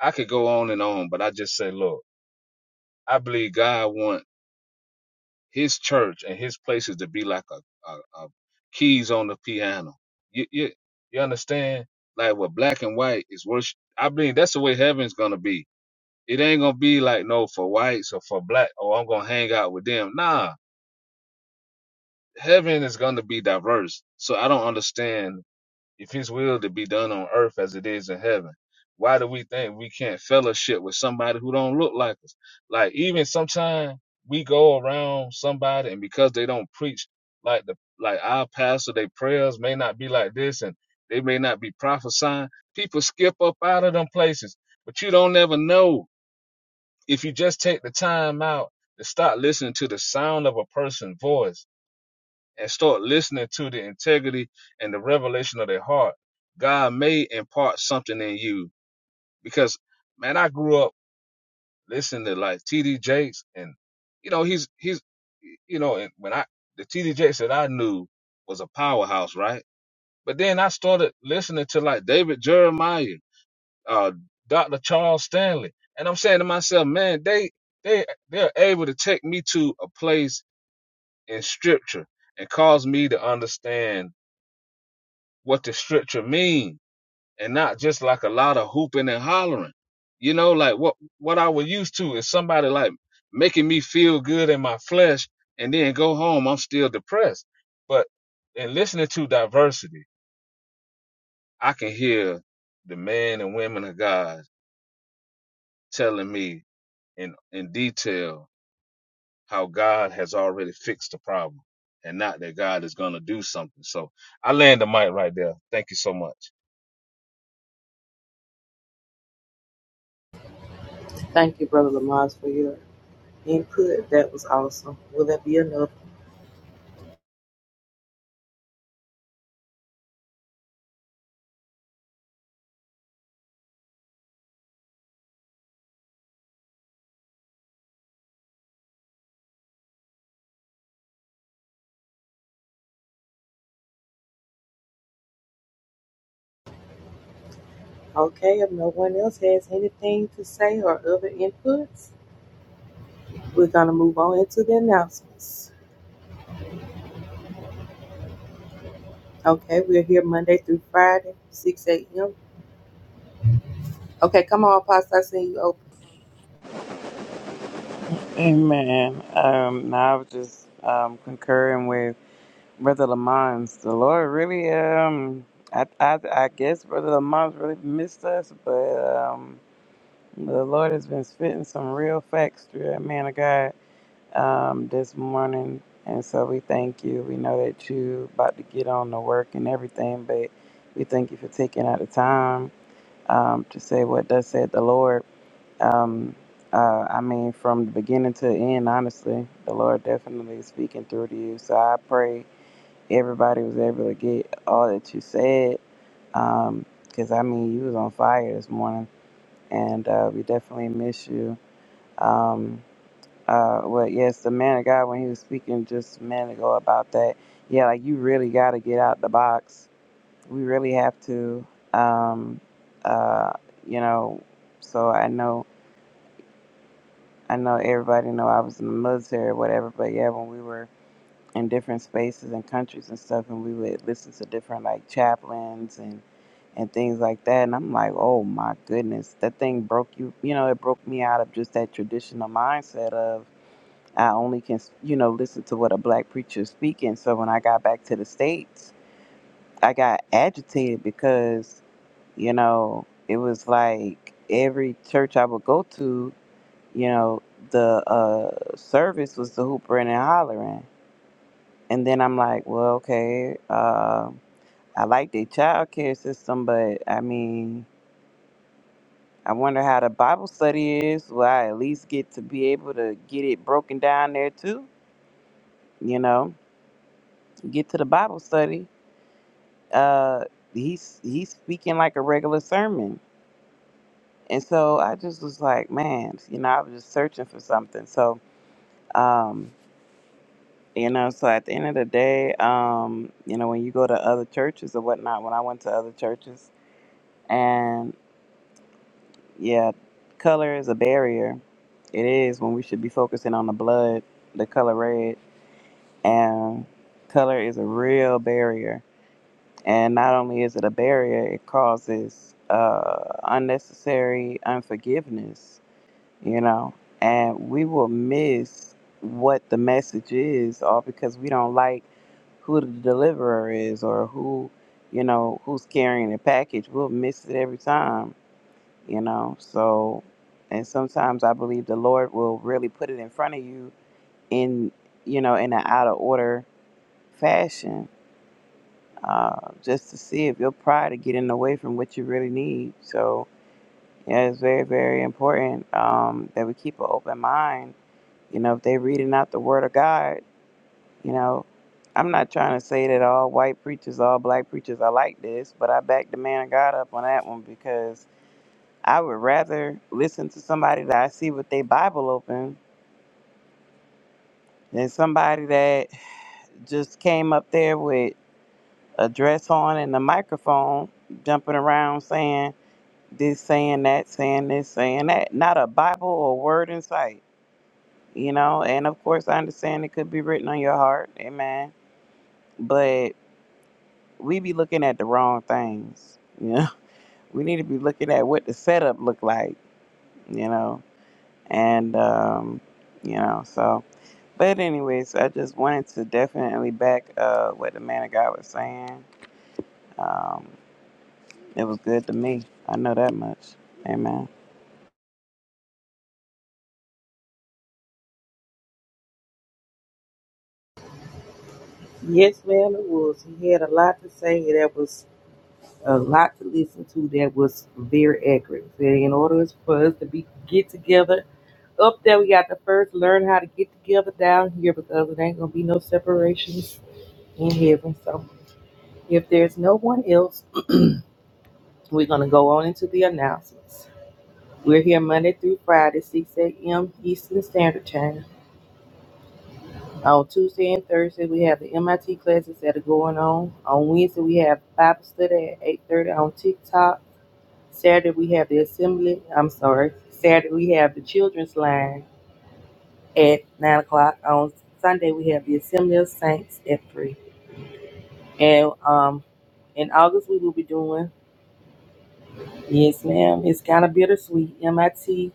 H: I could go on and on, but I just say, look, I believe God want His church and His places to be like a, a, a keys on the piano. You, you you understand? Like with black and white is worship. I believe that's the way heaven's gonna be. It ain't gonna be like no for whites or for black. Oh, I'm gonna hang out with them. Nah, heaven is gonna be diverse. So I don't understand if his will to be done on earth as it is in heaven why do we think we can't fellowship with somebody who don't look like us like even sometimes we go around somebody and because they don't preach like the like our pastor their prayers may not be like this and they may not be prophesying people skip up out of them places but you don't ever know if you just take the time out to start listening to the sound of a person's voice and start listening to the integrity and the revelation of their heart, God may impart something in you. Because man, I grew up listening to like TD Jakes, and you know he's he's you know and when I the TD Jakes that I knew was a powerhouse, right? But then I started listening to like David Jeremiah, uh, Dr. Charles Stanley, and I'm saying to myself, man, they they they're able to take me to a place in Scripture and cause me to understand what the scripture means, and not just like a lot of hooping and hollering. You know, like what what I was used to is somebody like making me feel good in my flesh and then go home, I'm still depressed. But in listening to diversity, I can hear the men and women of God telling me in in detail how God has already fixed the problem and not that God is gonna do something. So I land the mic right there. Thank you so much.
G: Thank you, Brother Lamont, for your input. That was awesome. Will that be enough? Okay, if no one else has anything to say or other inputs, we're going to move on into the announcements. Okay, we're here Monday through Friday, 6 a.m. Okay, come on, Pastor, I seen you open.
I: Amen. Um, no, I was just um, concurring with Brother Lamont. The Lord really, um, I, I, I guess Brother Lamont's really missed us, but um, the Lord has been spitting some real facts through that man of God um, this morning. And so we thank you. We know that you about to get on the work and everything, but we thank you for taking out the time um, to say what does said the Lord. Um, uh, I mean, from the beginning to the end, honestly, the Lord definitely is speaking through to you. So I pray everybody was able to get all that you said. Um, 'cause I mean, you was on fire this morning, and uh, we definitely miss you. Um, uh, well, yes, the man of God when he was speaking just a minute ago about that. Yeah, like you really got to get out the box. We really have to. Um, uh, you know, so I know I know everybody know I was in the military or whatever, but yeah, when we were in different spaces and countries and stuff, and we would listen to different like chaplains and and things like that, and I'm like, oh my goodness, that thing broke you. You know, it broke me out of just that traditional mindset of I only can you know listen to what a black preacher is speaking. So when I got back to the states, I got agitated because you know it was like every church I would go to you know, the uh, service was the hoopering and hollering. And then I'm like, well, okay, uh, I like the child care system, but I mean, I wonder how the Bible study is. Will I at least get to be able to get it broken down there too? You know, get to the Bible study. Uh, he's he's speaking like a regular sermon. And so I just was like, man, you know, I was just searching for something. So um, You know, so at the end of the day, um, you know, when you go to other churches or whatnot, when I went to other churches, and yeah, color is a barrier. It is when we should be focusing on the blood, the color red, and color is a real barrier. And not only is it a barrier, it causes uh, unnecessary unforgiveness, you know, and we will miss what the message is all because we don't like who the deliverer is or who you know who's carrying the package we'll miss it every time you know so and sometimes i believe the lord will really put it in front of you in you know in an out of order fashion uh, just to see if your pride are getting away from what you really need so yeah it's very very important um, that we keep an open mind you know if they're reading out the word of god You know, I'm not trying to say that all white preachers, all black preachers are like this, but I back the man of God up on that one because I would rather listen to somebody that I see with their Bible open than somebody that just came up there with a dress on and a microphone jumping around saying this, saying that, saying this, saying that. Not a Bible or word in sight, you know? And of course, I understand it could be written on your heart, amen. But we be looking at the wrong things. You know, we need to be looking at what the setup look like. You know, and um, you know, so. But anyways, I just wanted to definitely back uh, what the man of God was saying. Um, it was good to me. I know that much. Amen.
G: Yes, ma'am, it was. He had a lot to say. That was a lot to listen to. That was very accurate. So in order for us to be get together, up there we got to first learn how to get together down here because it ain't going to be no separations in heaven. So if there's no one else, We're going to go on into the announcements. We're here Monday through Friday, 6 a.m. Eastern Standard Time. On Tuesday and Thursday, we have the MIT classes that are going on. On Wednesday, we have Bible study at 8.30 on TikTok. Saturday, we have the assembly. I'm sorry. Saturday, we have the children's line at 9 o'clock. On Sunday, we have the assembly of saints at 3. And um, in August, we will be doing, yes, ma'am, it's kind of bittersweet, MIT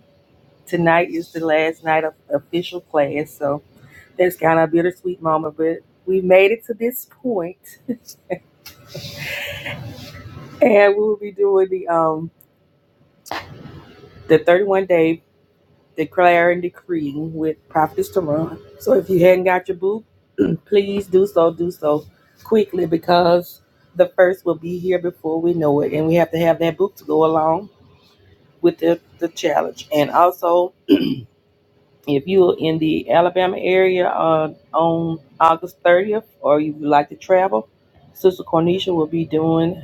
G: tonight is the last night of official class, so that's kind of a bittersweet moment. But we made it to this point, and we will be doing the um the 31 day declare and decreeing with Prophetess Taron. So if you hadn't got your book, please do so. Do so quickly because the first will be here before we know it, and we have to have that book to go along with the the challenge. And also If you're in the Alabama area uh, on August 30th, or you would like to travel, Sister Cornisha will be doing,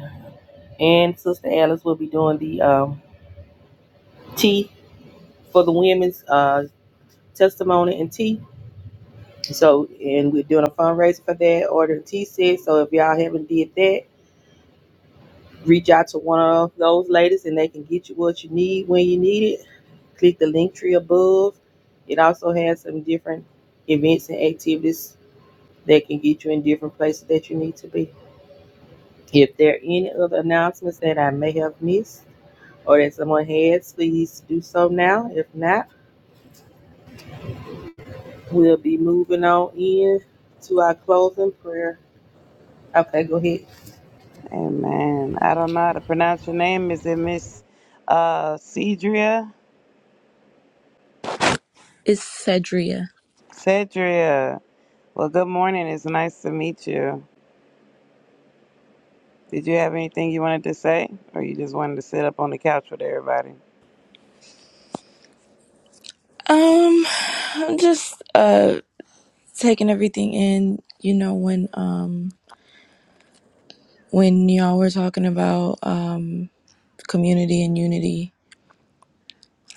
G: and Sister Alice will be doing the um, tea for the women's uh, testimony and tea. So, and we're doing a fundraiser for that, ordering tea sets. So, if y'all haven't did that, reach out to one of those ladies, and they can get you what you need when you need it. Click the link tree above. It also has some different events and activities that can get you in different places that you need to be. If there are any other announcements that I may have missed or that someone has, please do so now. If not, we'll be moving on in to our closing prayer. Okay, go ahead.
I: Amen. I don't know how to pronounce your name. Is it Miss uh, Cedria?
J: is Cedria?
I: Cedria. Well, good morning. It's nice to meet you. Did you have anything you wanted to say, or you just wanted to sit up on the couch with everybody?
J: Um, I'm just uh taking everything in. You know when um when y'all were talking about um community and unity,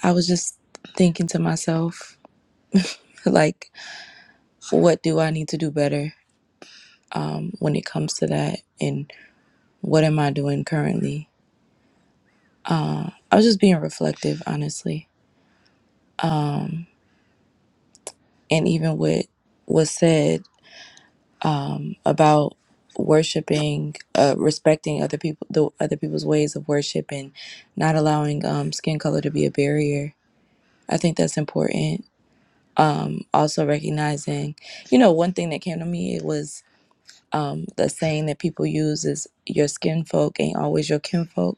J: I was just thinking to myself like, what do I need to do better um when it comes to that, and what am I doing currently? Uh, I was just being reflective, honestly. Um, and even with what's said um, about worshiping, uh, respecting other people, the other people's ways of worship, and not allowing um, skin color to be a barrier. I think that's important. Um, also recognizing, you know, one thing that came to me it was um, the saying that people use is "your skin folk ain't always your kinfolk."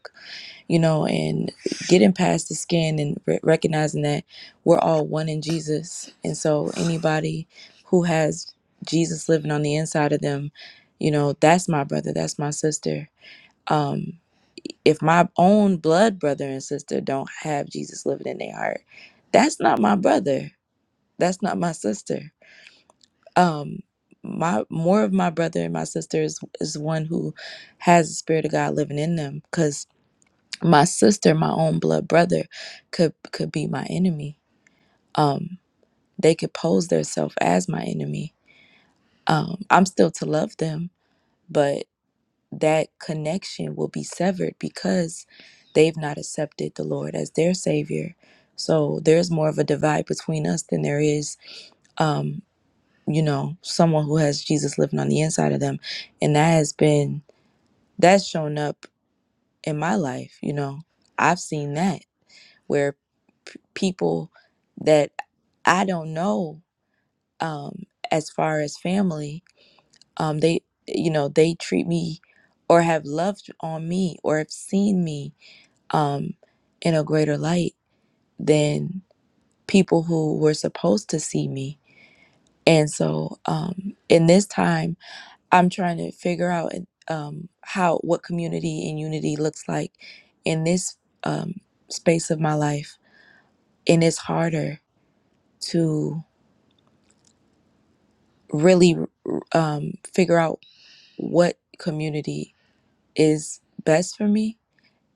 J: you know, and getting past the skin and re- recognizing that we're all one in Jesus. And so anybody who has Jesus living on the inside of them, you know, that's my brother, that's my sister. Um, if my own blood brother and sister don't have Jesus living in their heart, that's not my brother. That's not my sister. Um, my more of my brother and my sister is, is one who has the spirit of God living in them because my sister, my own blood brother, could could be my enemy. Um, they could pose themselves as my enemy. Um, I'm still to love them, but that connection will be severed because they've not accepted the Lord as their savior. So there's more of a divide between us than there is, um, you know, someone who has Jesus living on the inside of them, and that has been that's shown up in my life. You know, I've seen that where p- people that I don't know um, as far as family, um, they you know they treat me or have loved on me or have seen me um, in a greater light than people who were supposed to see me. And so um, in this time, I'm trying to figure out um, how what community and unity looks like in this um, space of my life, and it's harder to really um, figure out what community is best for me.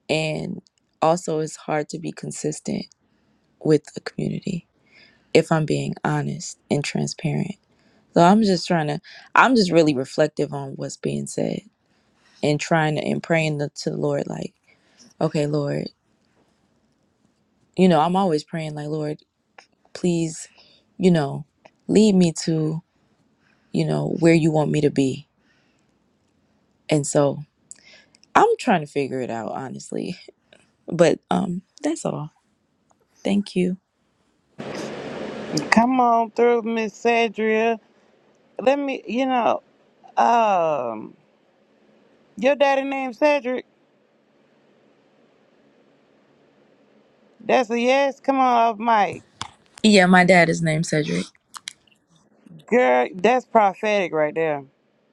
J: And also, it's hard to be consistent with a community if I'm being honest and transparent. So I'm just trying to, I'm just really reflective on what's being said and trying to, and praying to, to the Lord, like, okay, Lord, you know, I'm always praying, like, Lord, please, you know, lead me to, you know, where you want me to be. And so I'm trying to figure it out, honestly. But um, that's all. Thank you.
I: Come on through, Miss Cedria. Let me, you know, um, your daddy named Cedric. That's a yes. Come on off mic,
J: Yeah, my dad is named Cedric.
I: girl. That's prophetic right there.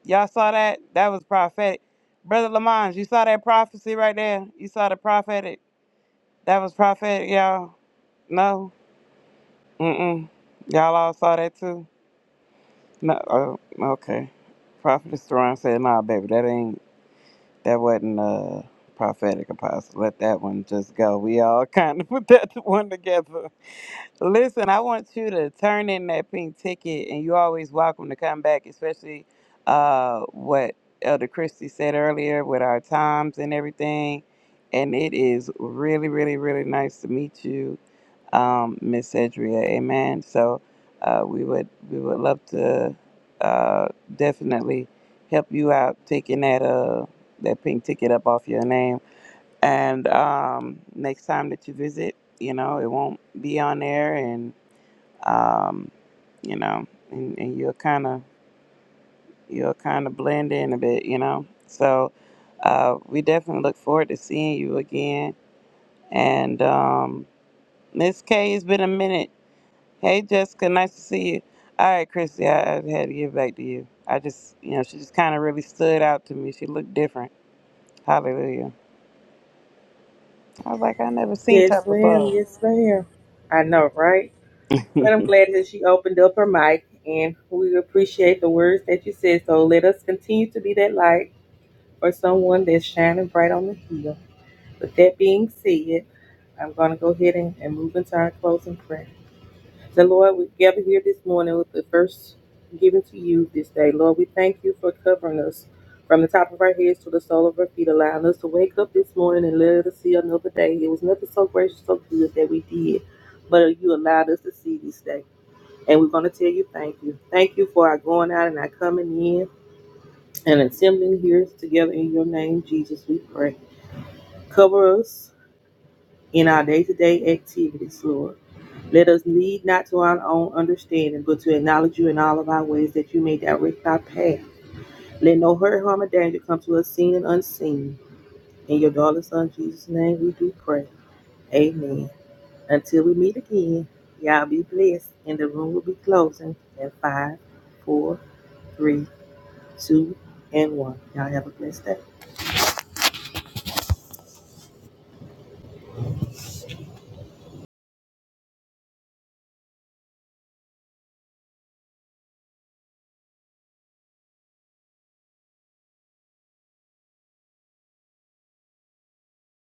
I: Y'all saw that? That was prophetic, brother Lamont. You saw that prophecy right there. You saw the prophetic. That was prophetic, y'all. No, mm mm. Y'all all saw that too. No, uh, okay. Prophetess Theron said, "Nah, baby, that ain't that wasn't uh prophetic apostle. Let that one just go. We all kind of put that one together." Listen, I want you to turn in that pink ticket, and you're always welcome to come back, especially uh what Elder Christie said earlier with our times and everything. And it is really, really, really nice to meet you um, Miss Edria. Amen. So uh, we would we would love to uh, definitely help you out taking that uh that pink ticket up off your name. And um, next time that you visit, you know it won't be on there, and um, you know, and, and you'll kind of you'll kind of blend in a bit, you know. So uh, we definitely look forward to seeing you again. And um, Miss K, it's been a minute Hey, Jessica, nice to see you. All right, Christy, I, I had to give back to you. I just, you know, she just kind of really stood out to me. She looked different. Hallelujah. I was like, I never seen
G: Yes,
I: that
G: ma'am.
I: before.
G: Yes, ma'am. I know, right? But I'm glad that she opened up her mic and we appreciate the words that you said. So let us continue to be that light for someone that's shining bright on the hill. With that being said, I'm going to go ahead and, and move into our closing prayer. So, Lord, we gather here this morning with the first given to you this day. Lord, we thank you for covering us from the top of our heads to the sole of our feet, allowing us to wake up this morning and let us see another day. It was nothing so gracious, so good that we did, but you allowed us to see this day. And we're going to tell you thank you. Thank you for our going out and our coming in and assembling here together in your name, Jesus, we pray. Cover us in our day to day activities, Lord. Let us lead not to our own understanding, but to acknowledge you in all of our ways, that you may direct our path. Let no hurt, harm, or danger come to us seen and unseen. In your darling son Jesus' name we do pray. Amen. Until we meet again, y'all be blessed. And the room will be closing in five, four, three, two, and one. Y'all have a blessed day.